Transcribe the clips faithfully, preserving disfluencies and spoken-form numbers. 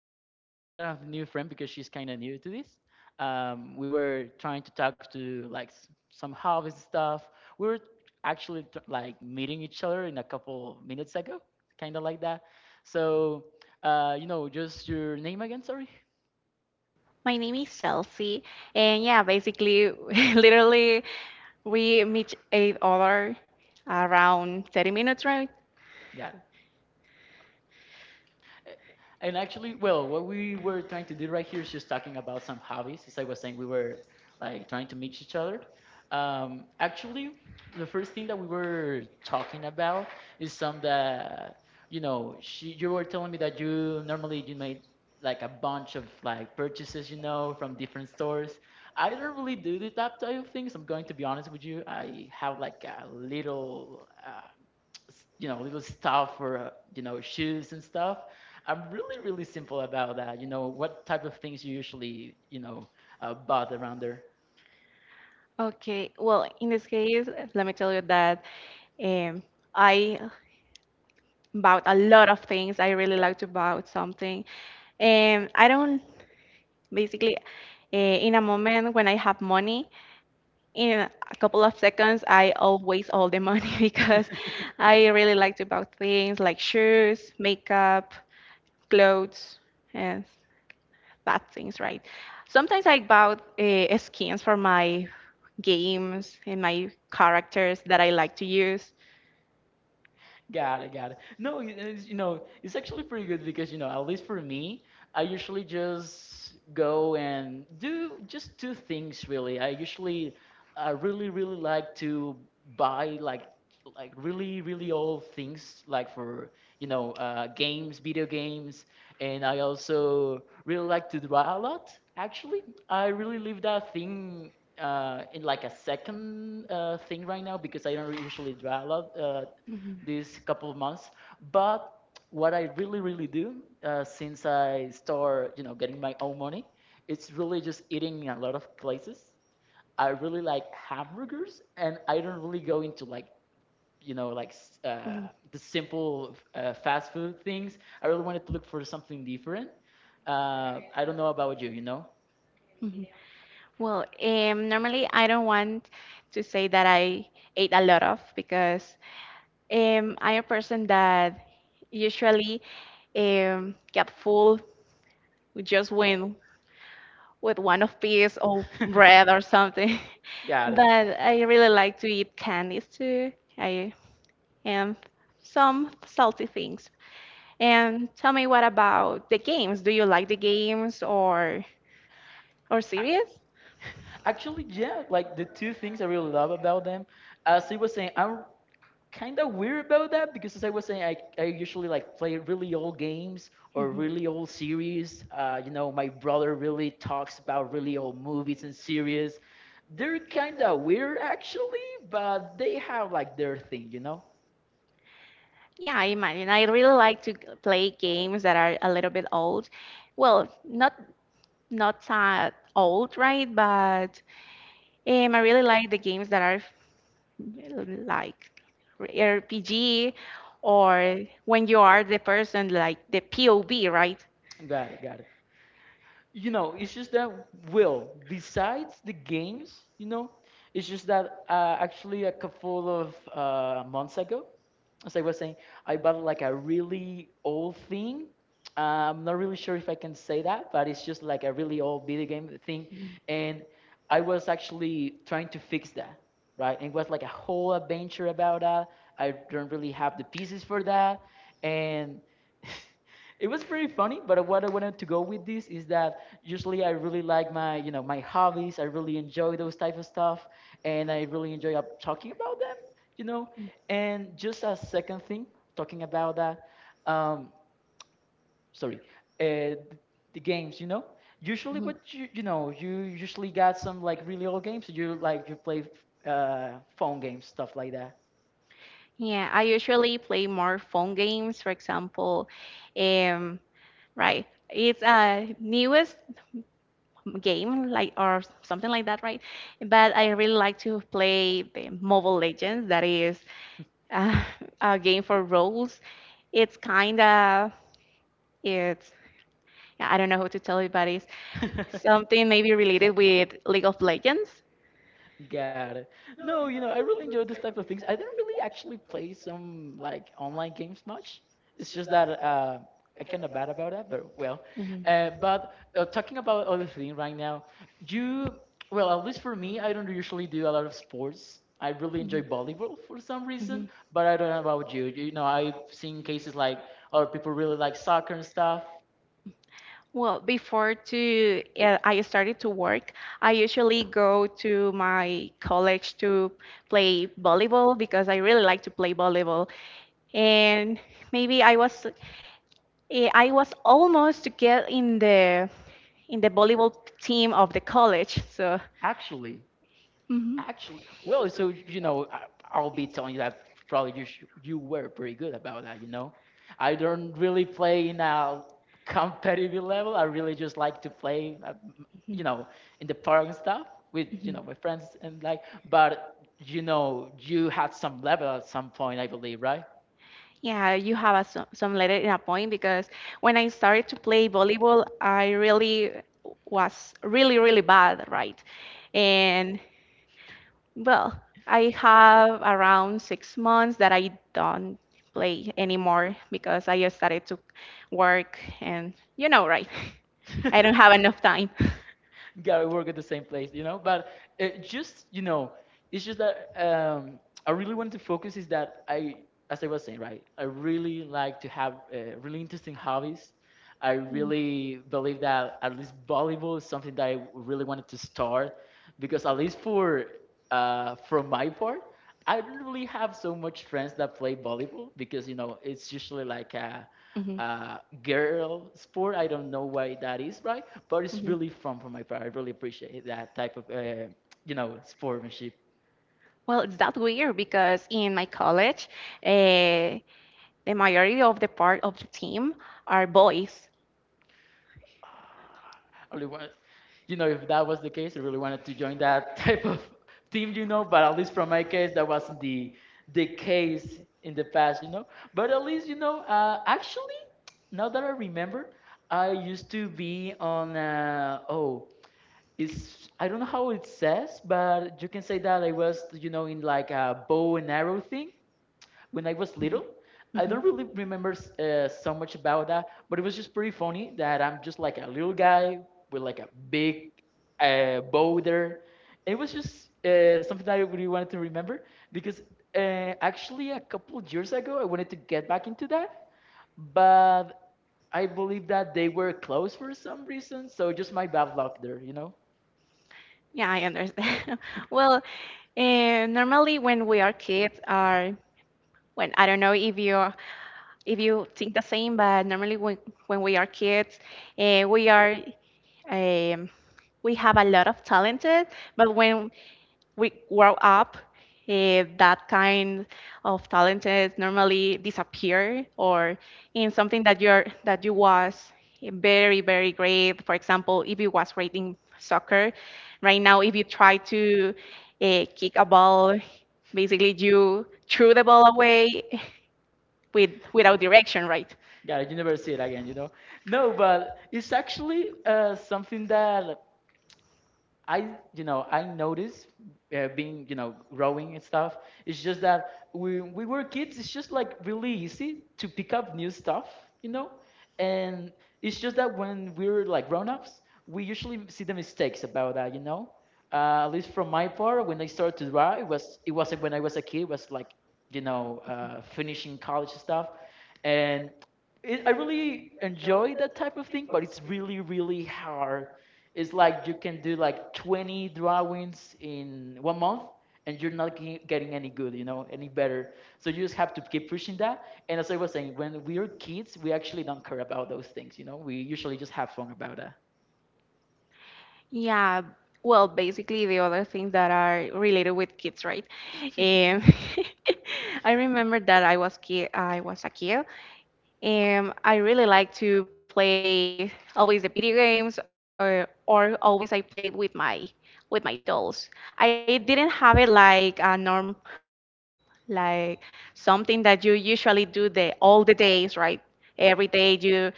actually a kind of new friend because she's kind of new to this. Um, we were trying to talk to like s- some hobbies stuff. We were actually t- like meeting each other in a couple minutes ago, kind of like that. So, uh, you know, just your name again, sorry. My name is Chelsea, and yeah, basically, literally, we meet each other around thirty minutes, right? Got it. And actually, well, what we were trying to do right here is just talking about some hobbies. As I was saying, we were like trying to meet each other. Um, actually, the first thing that we were talking about is some that you know she, you were telling me that you normally you made like a bunch of like purchases, you know, from different stores. I don't really do this, that type of things. I'm going to be honest with you. I have like a little. Uh, s- you know little stuff for uh, you know shoes and stuff. I'm really, really simple about that. You know, what type of things you usually, you know, uh, bought around there? Okay, well, in this case, let me tell you that um, I bought a lot of things. I really like to buy something, and I don't basically. Uh, in a moment when I have money, in a couple of seconds, I always all the money because I really like to buy things like shoes, makeup, clothes and that things, right? Sometimes I bought uh, skins for my games and my characters that I like to use. Got it, got it. No, it- it's, you know, it's actually pretty good because, you know, at least for me, I usually just go and do just two things really. I usually, I really, really like to buy like like really, really old things like for, you know, uh, games, video games, and I also really like to draw a lot. Actually, I really leave that thing uh, in like a second uh, thing right now because I don't usually draw a lot. Uh, Mhm. these couple of months. But what I really, really do uh, since I start, you know, getting my own money, it's really just eating in a lot of places. I really like hamburgers, and I don't really go into like, you know, like uh, Mhm. the simple uh, fast food things. I really wanted to look for something different. Uh, I don't know about you, you know. Mhm. Well, um, normally I don't want to say that I ate a lot of because um, I'm a person that usually um, get full just when with one of peas or bread or something. Got it. But I really like to eat candies too. I and some salty things. And tell me, what about the games? Do you like the games or or series? Actually, yeah, like the two things I really love about them, as I was saying, I'm kind of weird about that because as I was saying, I, I usually like play really old games or really old Mhm. series. Uh, you know, my brother really talks about really old movies and series. They're kind of weird actually, but they have like their thing, you know? Yeah, I imagine. I really like to g- play games that are a little bit old. Well, not not that old, right? But um, I really like the games that are like R P G or when you are the person like the P O V, right? Got it, got it. You know, it's just that will besides the games, you know, it's just that uh, actually a couple of uh, months ago, as I was saying, I bought like a really old thing. I'm not really sure if I can say that, but it's just like a really old video game thing, and I was actually trying to fix that, right? And it was like a whole adventure about that. I don't really have the pieces for that, and it was pretty funny. But what I wanted to go with this is that usually I really like my you know my hobbies. I really enjoy those type of stuff and I really enjoy up talking about them, you know. And just a second thing talking about that, um sorry, uh, the games, you know, usually what you you know you usually got some like really old games you like you play uh phone games, stuff like that. Yeah, I usually play more phone games, for example, um, right. It's a newest game, like or something like that, right? But I really like to play the Mobile Legends. That is uh, a game for roles. It's kind of it's yeah, I don't know who to tell you, but it's something maybe related with League of Legends. Got it. No, you know, I really enjoy those type of things. I don't really actually play some like online games much. It's just that uh, I kind of bad about that, but well. Mhm. Uh, but uh, talking about other thing right now, you well, at least for me, I don't usually do a lot of sports. I really enjoy Mhm. volleyball for some reason, Mhm. but I don't know about you. You know, I've seen cases like other people really like soccer and stuff. Well, before to uh, I started to work, I usually go to my college to play volleyball because I really like to play volleyball. And maybe I was eh, I was almost to get in the in the volleyball team of the college. So. Actually, Mhm. Actually, well, so you know, I, I'll be telling you that probably you sh- you were pretty good about that. You know, I don't really play in a competitive level. I really just like to play, uh, m- you Mhm. know, in the park and stuff with you know my friends and like. But you know, you had some level at some point, I believe, right? Yeah, you have a, some, some letter in a point because when I started to play volleyball, I really was really, really bad, right? And well, I have around six months that I don't play anymore because I started to work, and you know, right? I don't have enough time. Gotta work at the same place, you know. But it just you know, it's just that um, I really wanted to focus is that I, as I was saying, right, I really like to have uh, really interesting hobbies. I really believe that at least volleyball is something that I really wanted to start because at least for uh, from my part, I don't really have so much friends that play volleyball because you know it's usually like uh, Mhm. uh, girl sport. I don't know why that is, right? But it's Mhm. really fun for my part. I really appreciate that type of, uh, you know, sportsmanship. Well, it's that weird because in my college, uh, the majority of the part of the team are boys. Ah, I really want, you know, if that was the case, I really wanted to join that type of team, you know. But at least from my case, that wasn't the the case in the past, you know. But at least, you know, uh, actually, now that I remember, I used to be on. Uh, oh. it's I don't know how it says, but you can say that I was, you know, in like a bow and arrow thing when I was little. I Mhm. don't really remember uh, so much about that, but it was just pretty funny that I'm just like a little guy with like a big uh, bow there. It was just uh, something that I really wanted to remember because uh, actually a couple of years ago I wanted to get back into that, but I believe that they were closed for some reason, so just my bad luck there, you know. Yeah, I understand. Well, eh, normally when we are kids are when I don't know if you if you think the same, but normally when when we are kids, uh, we are um, we have a lot of talented, but when we grow up, eh, that kind of talent normally disappear or in something that you're that you was very, very great. For example, if you was great in soccer, right now if you try to uh, kick a ball, basically you threw the ball away with without direction, right? Yeah, you never see it again, you know. No, but it's actually uh, something that I, you know, I noticed uh, being, you know, growing and stuff. It's just that when we were kids, it's just like really easy to pick up new stuff, you know. And it's just that when we're like grown-ups, we usually see the mistakes about that, you know. Uh, at least from my part, when I started to draw, it was it wasn't when I was a kid. It was like, you know, uh, finishing college stuff and it, I really enjoy that type of thing, but it's really, really hard. It's like you can do like twenty drawings in one month and you're not ge- getting any good, you know, any better. So you just have to keep pushing that. And as I was saying, when we are kids, we actually don't care about those things, you know, we usually just have fun about Yeah, well, basically the other things that are related with kids, right? that. Um, I remember that I was kid, I was a kid, and I really like to play always the video games, or or always I played with my with my dolls. I didn't have it like a norm, like something that you usually do the all the days, right? Every day you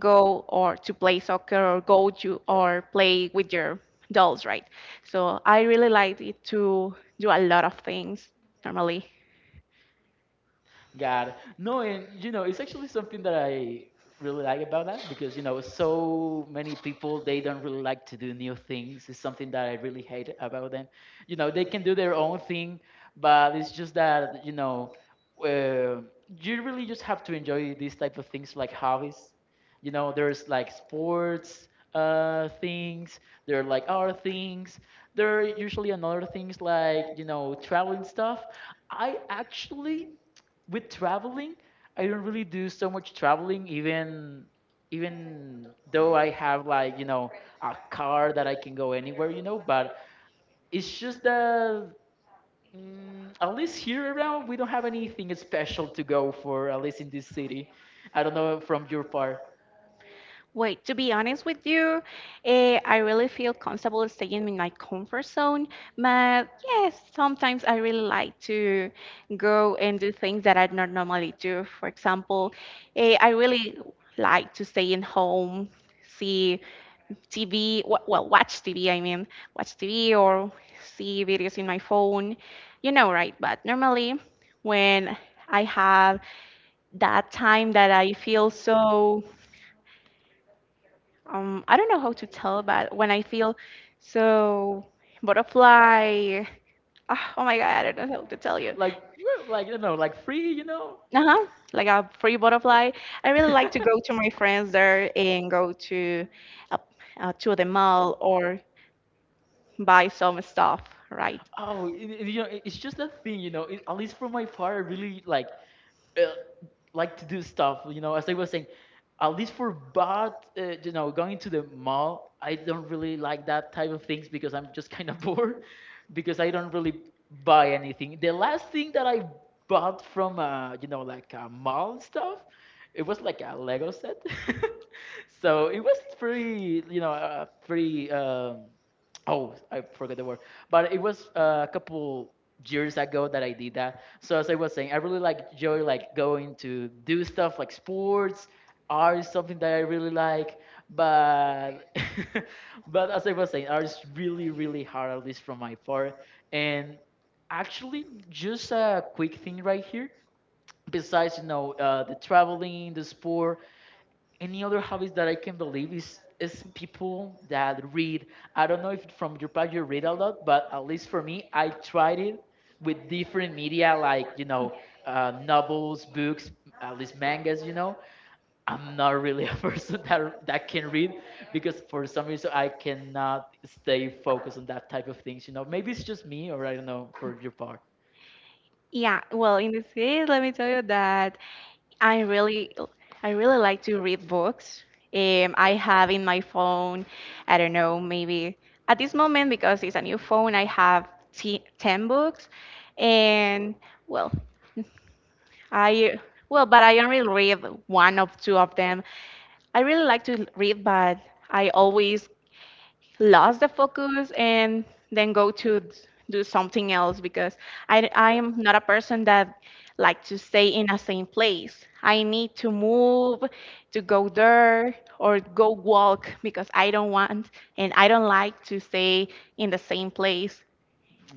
go or to play soccer or go to or play with your dolls, right? So I really like it to do a lot of things normally. God. No, and you know, it's actually something that I really like about that because you know, so many people they don't really like to do new things. It's something that I really hate about them. You know, they can do their own thing, but it's just that you know, uh, you really just have to enjoy these type of things like hobbies. You know, there's like sports, uh things, there are like art things, there are usually another things like you know traveling stuff. I actually with traveling, I don't really do so much traveling, even even though I have like you know a car that I can go anywhere, you know. But it's just that mm, at least here around we don't have anything special to go for, at least in this city. I don't know from your part, Wait, to be honest with you, eh, I really feel comfortable staying in my comfort zone, but yes, sometimes I really like to go and do things that I not normally do. For example, eh, I really like to stay in home, see T V, wa- well, watch T V, I mean, watch T V or see videos in my phone, you know, right? But normally, when I have that time that I feel so, um, I don't know how to tell, but when I feel so butterfly, ah, oh my God, I don't know how to tell you. like we like I don't know, like free, you know. Uh-huh, like a free butterfly. I really like to go to my friends there and go to uh, uh, to the mall or buy some stuff, right? Oh, it, it- you know, it- it's just a thing, you know. It, at least for my part, I really like. Uh, like to do stuff. You know, as I was saying, at least for bot, uh, you know, going to the mall, I don't really like that type of things because I'm just kind of bored because I don't really buy anything. The last thing that I bought from, uh, you know, like a mall stuff, it was like a Lego set. So it was pretty, you know, uh, pretty. Um, oh, I forgot the word, but it was uh, a couple years ago that I did that. So as I was saying, I really like enjoy like going to do stuff like sports, art is something that I really like. But but as I was saying, art is really really hard at least from my part. And actually, just a quick thing right here. Besides, you know, uh, the traveling, the sport, any other hobbies that I can believe is is people that read. I don't know if from your part you read a lot, but at least for me, I tried it with different media like you know uh, novels, books, at least mangas. You know, I'm not really a person that that can read because for some reason I cannot stay focused on that type of things. You know, maybe it's just me or I don't know for your part. Yeah, well, in this case, let me tell you that I really, I really like to read books. Um, I have in my phone, I don't know, maybe at this moment because it's a new phone, I have t ten books, and well, I well, but I only read one of two of them. I really like to read, but I always lost the focus and then go to d- do something else because I, I am not a person that like to stay in a same place. I need to move to go there or go walk because I don't want and I don't like to stay in the same place.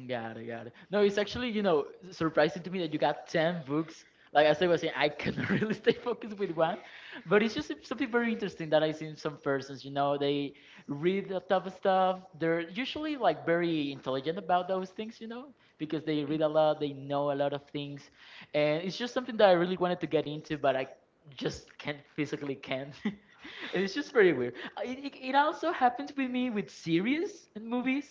Got it, got it. No, it's actually, you know, s- surprising to me that you got ten books. Like as I was saying, I cannot really stay focused with one, but it's just something very interesting that I see in some persons. You know, they read a lot of stuff. They're usually like very intelligent about those things, you know, because they read a lot, they know a lot of things, and it's just something that I really wanted to get into, but I just can't physically can't. And it's just very weird. Uh, It, it, it also happens with me with series and movies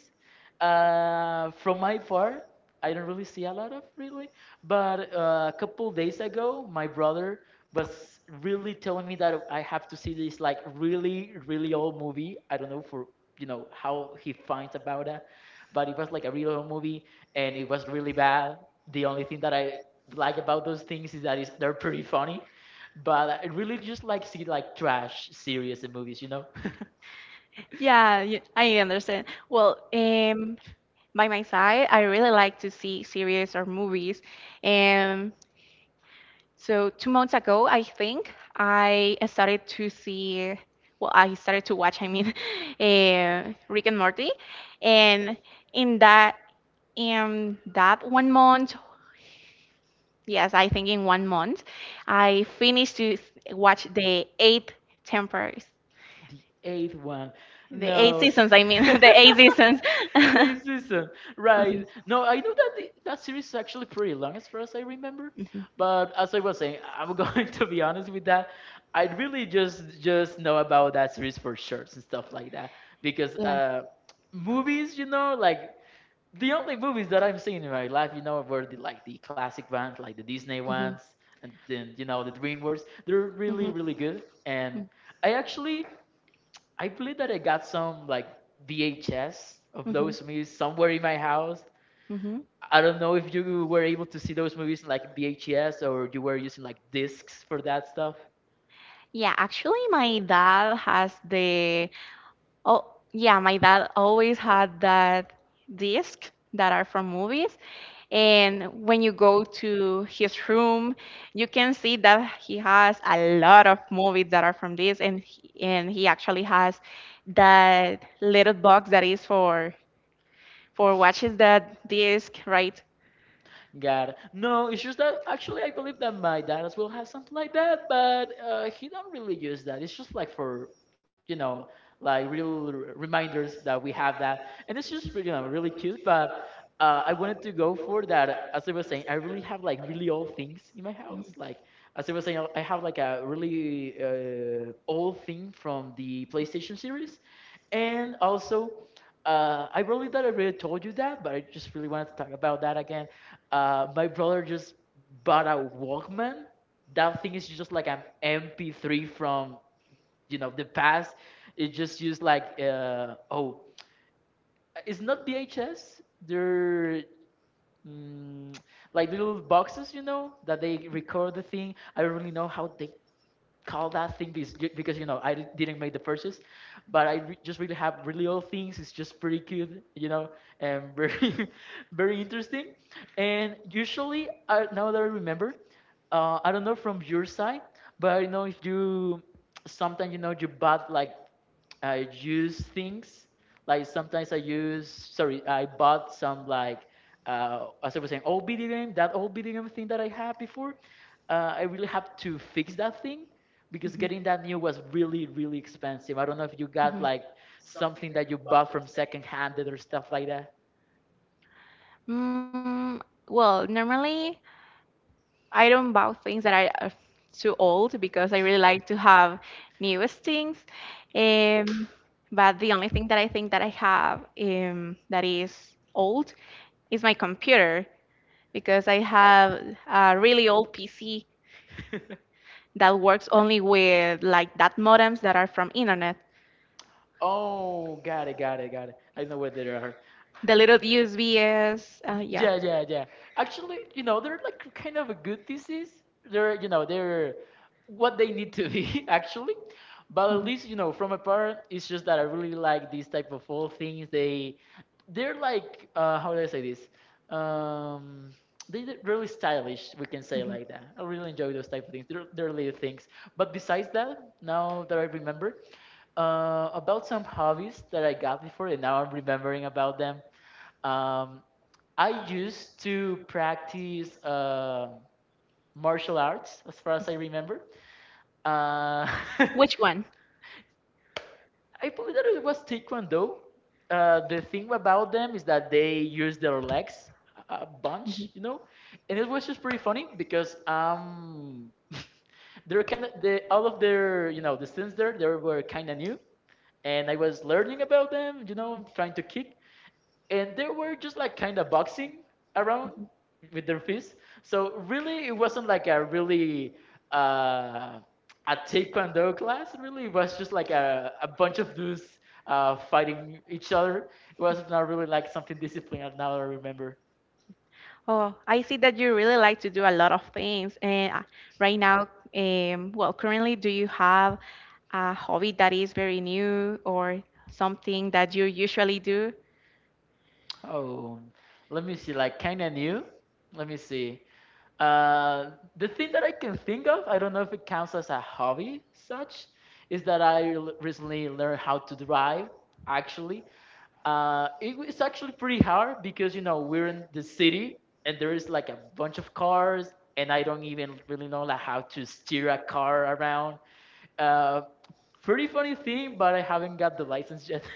uh, from my part, I don't really see a lot of really, but uh, a couple days ago, my brother was really telling me that I have to see this like really, really old movie. I don't know for you know how he finds about it, but it was like a real old movie and it was really bad. The only thing that I like about those things is that is they're pretty funny, but I really just like see like trash series and movies, you know. Yeah, y- I understand. Well, um, by my side, I really like to see series or movies. Um, So two months ago, I think I started to see. Well, I started to watch. I mean, uh, Rick and Morty, and in that in that one month, yes, I think in one month, I finished to s- watch the eight tempers, The eighth one, the eight no. seasons. I mean, the eight seasons. This season, right? No, I know that the, that series is actually pretty long, as far as I remember. But as I was saying, I'm going to be honest with that. I really just just know about that series for shirts and stuff like that Mhm. because Yeah. uh, movies, you know, like the only movies that I'm seeing in my life, you know, were the like the classic ones, like the Disney Mhm. ones, and then you know the DreamWorks. They're really Mhm. really good, and I actually I believe that I got some like V H S of Mm-hmm. those movies somewhere in my house. Mm-hmm. I don't know if you were able to see those movies in like V H S or you were using like discs for that stuff. Yeah, actually, my dad has the. Oh, yeah, my dad always had that disc that are from movies. And when you go to his room, you can see that he has a lot of movies that are from this. And he, and he actually has that little box that is for for watches that disc, right? God, no, it's just that actually I believe that my dad as well has something like that, but uh, he don't really use that. It's just like for you know, like real r- reminders that we have that, and it's just really, you know really cute. But uh, I wanted to go for that. As I was saying, I really have like really old things in my house. Like as I was saying, I have like a really uh, old thing from the PlayStation series and also, uh, I believe that I already told you that, but I just really wanted to talk about that again. Uh, my brother just bought a Walkman. That thing is just like an M P three from you know the past. It just used like uh, oh, it's not V H S. They're mm, like little boxes, you know, that they record the thing. I don't really know how they call that thing because, because you know I didn't make the purchase, but I re- just really have really old things. It's just pretty cute, you know, and very very interesting. And usually, uh, now that I remember, uh, I don't know from your side, but I know if you sometimes you know you bought like I use things like sometimes I use sorry I bought some like uh, as I was saying old video game that old video game thing that I had before uh, I really have to fix that thing because getting that new was really really expensive. I don't know if you got Mhm. like something that you bought from second handed or stuff like that. Mm, well, normally I don't buy things that I are too old because I really like to have newest things. Um, but the only thing that I think that I have um, that is old is my computer because I have a really old P C that works only with like that modems that are from internet. Oh, got it, got it, got it. I know where they are. The little U S Bs, uh, yeah. Yeah, yeah, yeah. Actually, you know, they're like kind of a good thesis. They're, you know, they're what they need to be actually. But at least, you know, from a part, it's just that I really like these type of all things. They, they're like, uh, how do I say this? Um, they- are really stylish. We can say like that. I really enjoy those type of things. They're, they're little things. But besides that, now that I remember, uh, about some hobbies that I got before, and now I'm remembering about them. Um, I used to practice uh, martial arts, as far as I remember. Uh, Which one? I believe that it was Taekwondo. Uh, the thing about them is that they use their legs a a bunch, you know, and it was Mhm. just pretty funny because um, they're kind of they all of their you know the students there they were kind of new, and I was learning about them, you know, trying to kick and they were just like kind of boxing around with their fists. So really, it wasn't like a really uh, a taekwondo class. Really, it was just like a, a bunch of dudes uh, fighting each other. It was not really like something disciplined. Now I remember. Oh, I see that you really like to do a lot of things. And uh, right now, um, well, currently, do you have a hobby that is very new or something that you usually do? Oh, let me see. Like kind of new. Let me see. Uh, the thing that I can think of, I don't know if it counts as a hobby, such, is that I l- recently learned how to drive actually. Uh, it was actually pretty hard because you know we're in the city and there is like a bunch of cars and I don't even really know like how to steer a car around. Uh, Pretty funny thing, but I haven't got the license yet,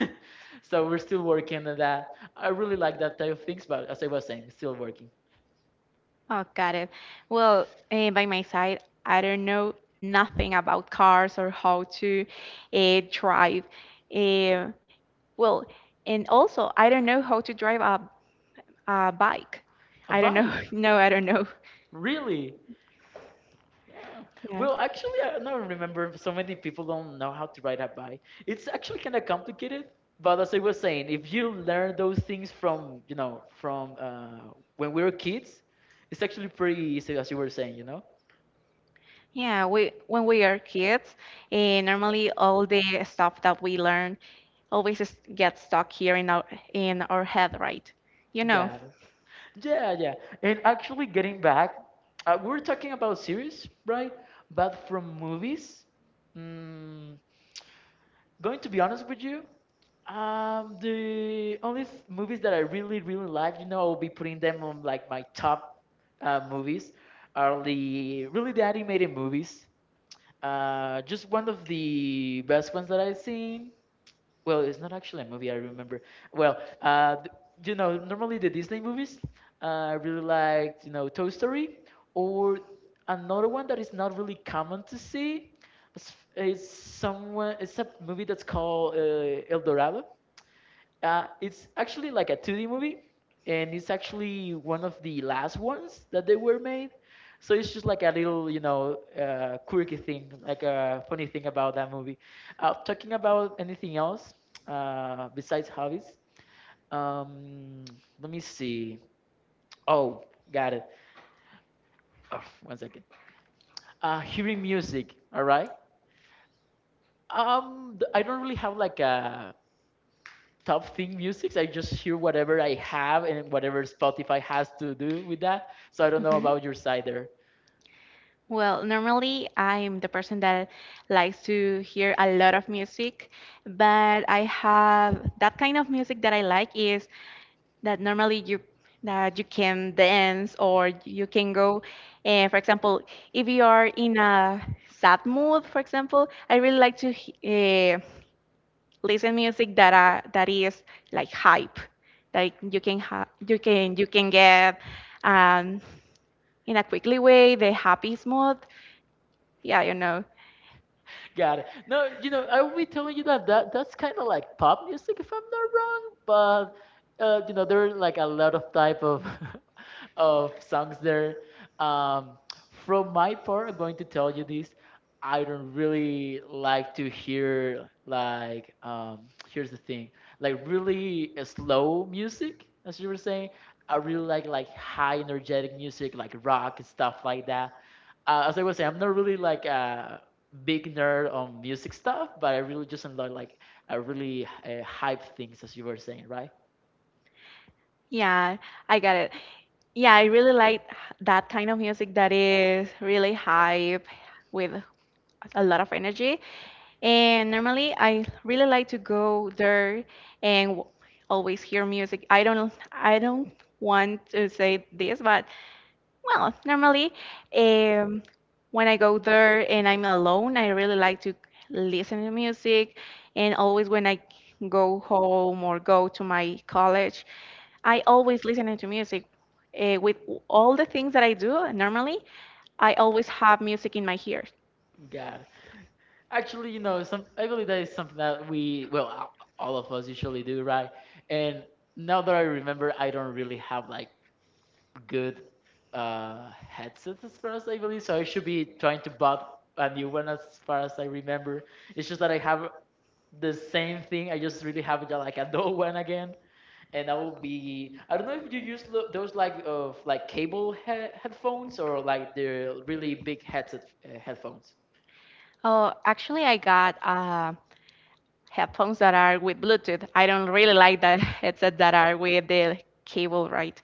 so we're still working on that. I really like that type of things, but as I was saying, still working. Oh, got it. Well, eh, by my side, I don't know nothing about cars or how to eh, drive. Eh, well, and also, I don't know how to drive a, a bike. A I don't know. bike, No, I don't know. really? Yeah. Well, actually, I don't remember. So many people don't know how to ride a bike. It's actually kind of complicated. But as I was saying, if you learn those things from, you know, from uh, when we were kids, it's actually pretty easy, as you were saying, you know? Yeah, we when we are kids, eh, normally all the stuff that we learn always is, gets stuck here in our in our head, right? You know. Got it. Yeah, yeah. And actually, getting back, uh, we were talking about series, right? But from movies, mm, going to be honest with you, um, the only th- movies that I really, really like, you know, I'll be putting them on like my top uh, movies are the really the animated movies. Uh, just one of the best ones that I've seen well, it's not actually a movie. I remember. Well, uh, th- you know, normally the Disney movies, uh, I really liked, you know, Toy Story, or another one that is not really common to see. It's, it's someone. It's a movie that's called uh, El Dorado. Uh, it's actually like a two D movie, and it's actually one of the last ones that they were made. So it's just like a little, you know, uh, quirky thing, like a funny thing about that movie. Uh, talking about anything else uh, besides hobbies, um, let me see. Oh, got it. Oh, one second. Uh, hearing music, all right? Um, th- I don't really have like a top thing music. I just hear whatever I have and whatever Spotify has to do with that. So I don't know Mhm. about your side there. Well, normally I'm the person that likes to hear a lot of music, but I have that kind of music that I like is that normally you that you can dance or you can go and, for example, if you are in a sad mood, for example, I really like to uh, listen music that uh, that is like hype, like you can ha- you can you can get um in a quickly way the happy mood. Yeah, you know. Got it. No, you know, I will be telling you that, that that's kind of like pop music if I'm not wrong, but uh, you know, there are like a lot of type of of songs there. Um, from my part, I'm going to tell you this. I don't really like to hear like um, here's the thing, like really uh, slow music, as you were saying. I really like like high energetic music, like rock and stuff like that uh, as I was saying, I'm not really like a big nerd on music stuff, but I really just enjoy like uh, really uh, hype things, as you were saying, right? Yeah, I got it. Yeah, I really like that kind of music that is really hype with a lot of energy. And normally, I really like to go there and w- always hear music. I don't, I don't want to say this, but well, normally, um, when I go there and I'm alone, I really like to listen to music. And always when I go home or go to my college, I always listen to music. Uh, with all the things that I do normally, I always have music in my ears. God, actually, you know, some I believe that is something that we, well, a- all of us usually do, right? And now that I remember, I don't really have like good uh, headsets as far as I believe, so I should be trying to bought a new one as far as I remember. It's just that I have the same thing. I just really have uh, like a dull one again and I will be I don't know if you use lo- those like of like cable he- headphones or like the really big headset uh, headphones. Oh, actually, I got uh, headphones that are with Bluetooth. I don't really like that headset that are with the cable, right?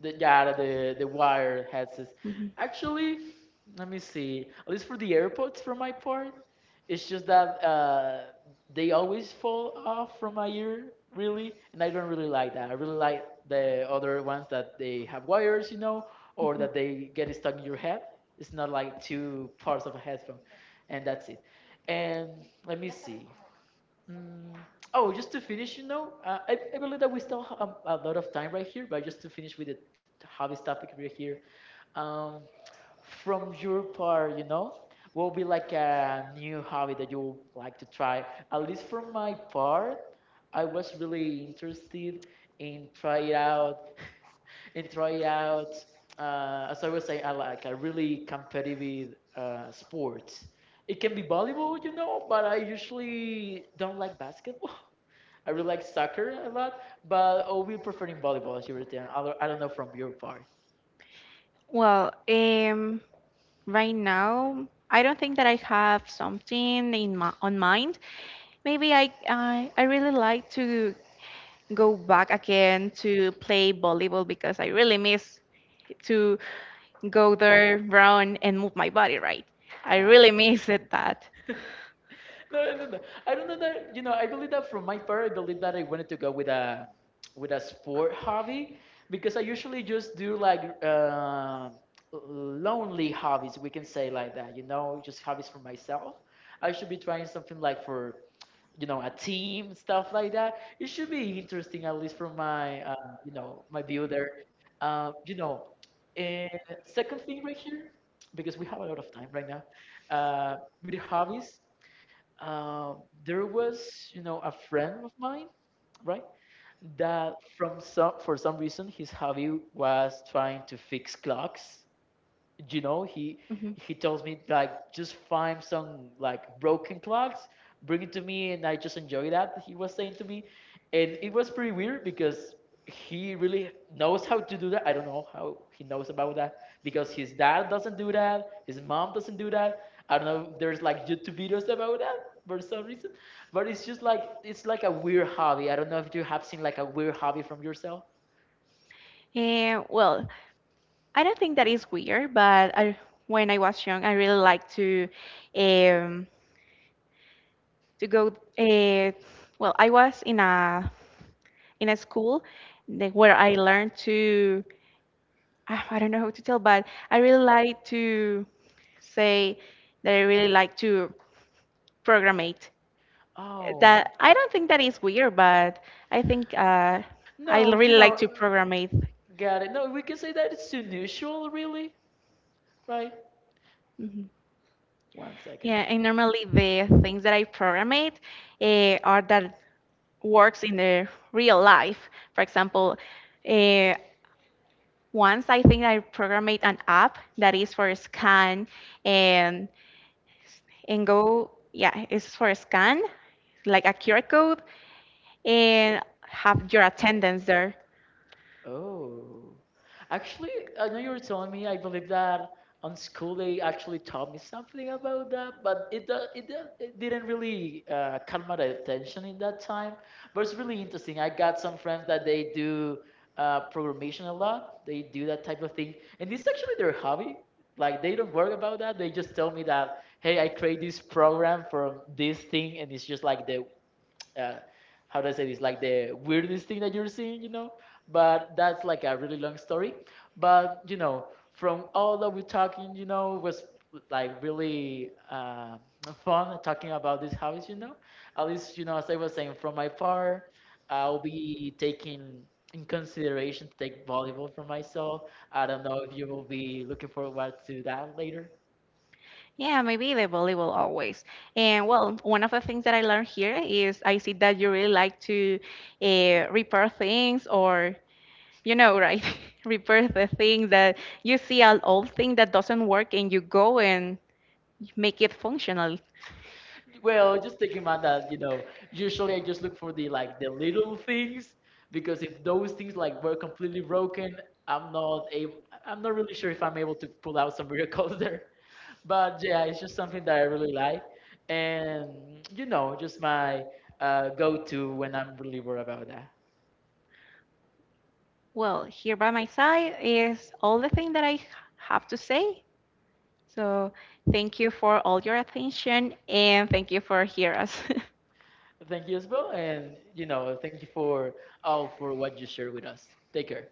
The Yeah the the wired headsets. Actually, let me see. At least for the AirPods, for my part, it's just that uh, they always fall off from my ear, really, and I don't really like that. I really like the other ones that they have wires, you know, or that they get stuck in your head. It's not like two parts of a headphone, and that's it. And let me see. Mm, oh, just to finish, you know, uh, I, I believe that we still have um, a lot of time right here, but just to finish with the t- hobbies topic right here, um, from your part, you know, what would be like a new hobby that you would like to try? At least for my part, I was really interested in try out and try out, uh, as I was saying, I like a really competitive uh, sport. It can be volleyball, you know, but I usually don't like basketball. I really like soccer a lot, but oh, we're preferring volleyball as you were saying. I don't I don't know from your part. Well, um, right now, I don't think that I have something in my on mind. Maybe I, I I really like to go back again to play volleyball because I really miss to go there, run, and move my body, right? I Yeah. I don't- really miss it that. No, no, no, no. I don't know that. You know, I believe that from my part, I believe that I wanted to go with a with a sport hobby because I usually just do like uh, lonely hobbies. We can say like that. You know, just hobbies for myself. I should be trying something like for, you know, a team, stuff like that. It should be interesting, at least from my, uh, you know, my view there, uh, you know. And second thing right here, because we have a lot of time right now, uh, with hobbies, um, there was, you know, a friend of mine, right, that from some for some reason his hobby was trying to fix clocks. You know, he Mhm. he tells me like, just find some like broken clocks, bring it to me and I just enjoy that, he was saying to me. And it was pretty weird because he really knows how to do that. I don't know how he knows about that, because his dad doesn't do that, his mom doesn't do that. I don't know if there's like YouTube videos about that for some reason, but it's just like it's like a weird hobby. I don't know if you have seen like a weird hobby from yourself. Eh, well, I don't think that is weird, but I, when I was young, I really liked to um, to go. Uh, well, I was in a in a school that where I learned to. Ah, I don't know how to tell, but I really like to say that I really like to programmate. Oh That I don't think that is weird, but I think uh, I no, you really like know. to programmate. Got it. No, we can say that it's unusual, really, right? Mhm. One second. Yeah, and normally the things that I programmate uh, are that. Works in the real life. For example, uh, once I think I programmed an app that is for a scan and and go yeah, it's for a scan like a Q R code and have your attendance there. Oh, actually, I know you were telling me. I believe that on school they actually taught me something about that, but it do- it, do- it didn't really uh, caught my attention in that time. But it's really interesting. I got some friends that they do uh, programmation a lot. They do that type of thing, and it's actually their hobby. Like they don't worry about that. They just tell me that, hey, I create this program from this thing, and it's just like the, uh, how do I say this? Like the weirdest thing that you're seeing, you know. But that's like a really long story. But you know, from all that we're talking, you know, was like really uh, fun talking about this house, you know. At least, you know, as I was saying, from my part, I'll be taking in consideration to take volleyball for myself. I don't know if you will be looking forward to that later. Yeah, maybe the volleyball always. And well, one of the things that I learned here is I see that you really like to uh, repair things or you know, right? Repair the thing that you see an old thing that doesn't work and you go and make it functional. Well, just take in mind that, you know, usually I just look for the like the little things, because if those things like were completely broken, I'm not able I'm not really sure if I'm able to pull out some miracles there. But yeah, it's just something that I really like. And you know, just my, uh, go-to when I'm really worried about that. Well, here by my side is all the thing that I have to say. So thank you for all your attention and thank you for hear us. Thank you as well, and you know, thank you for all for what you share with us. Take care.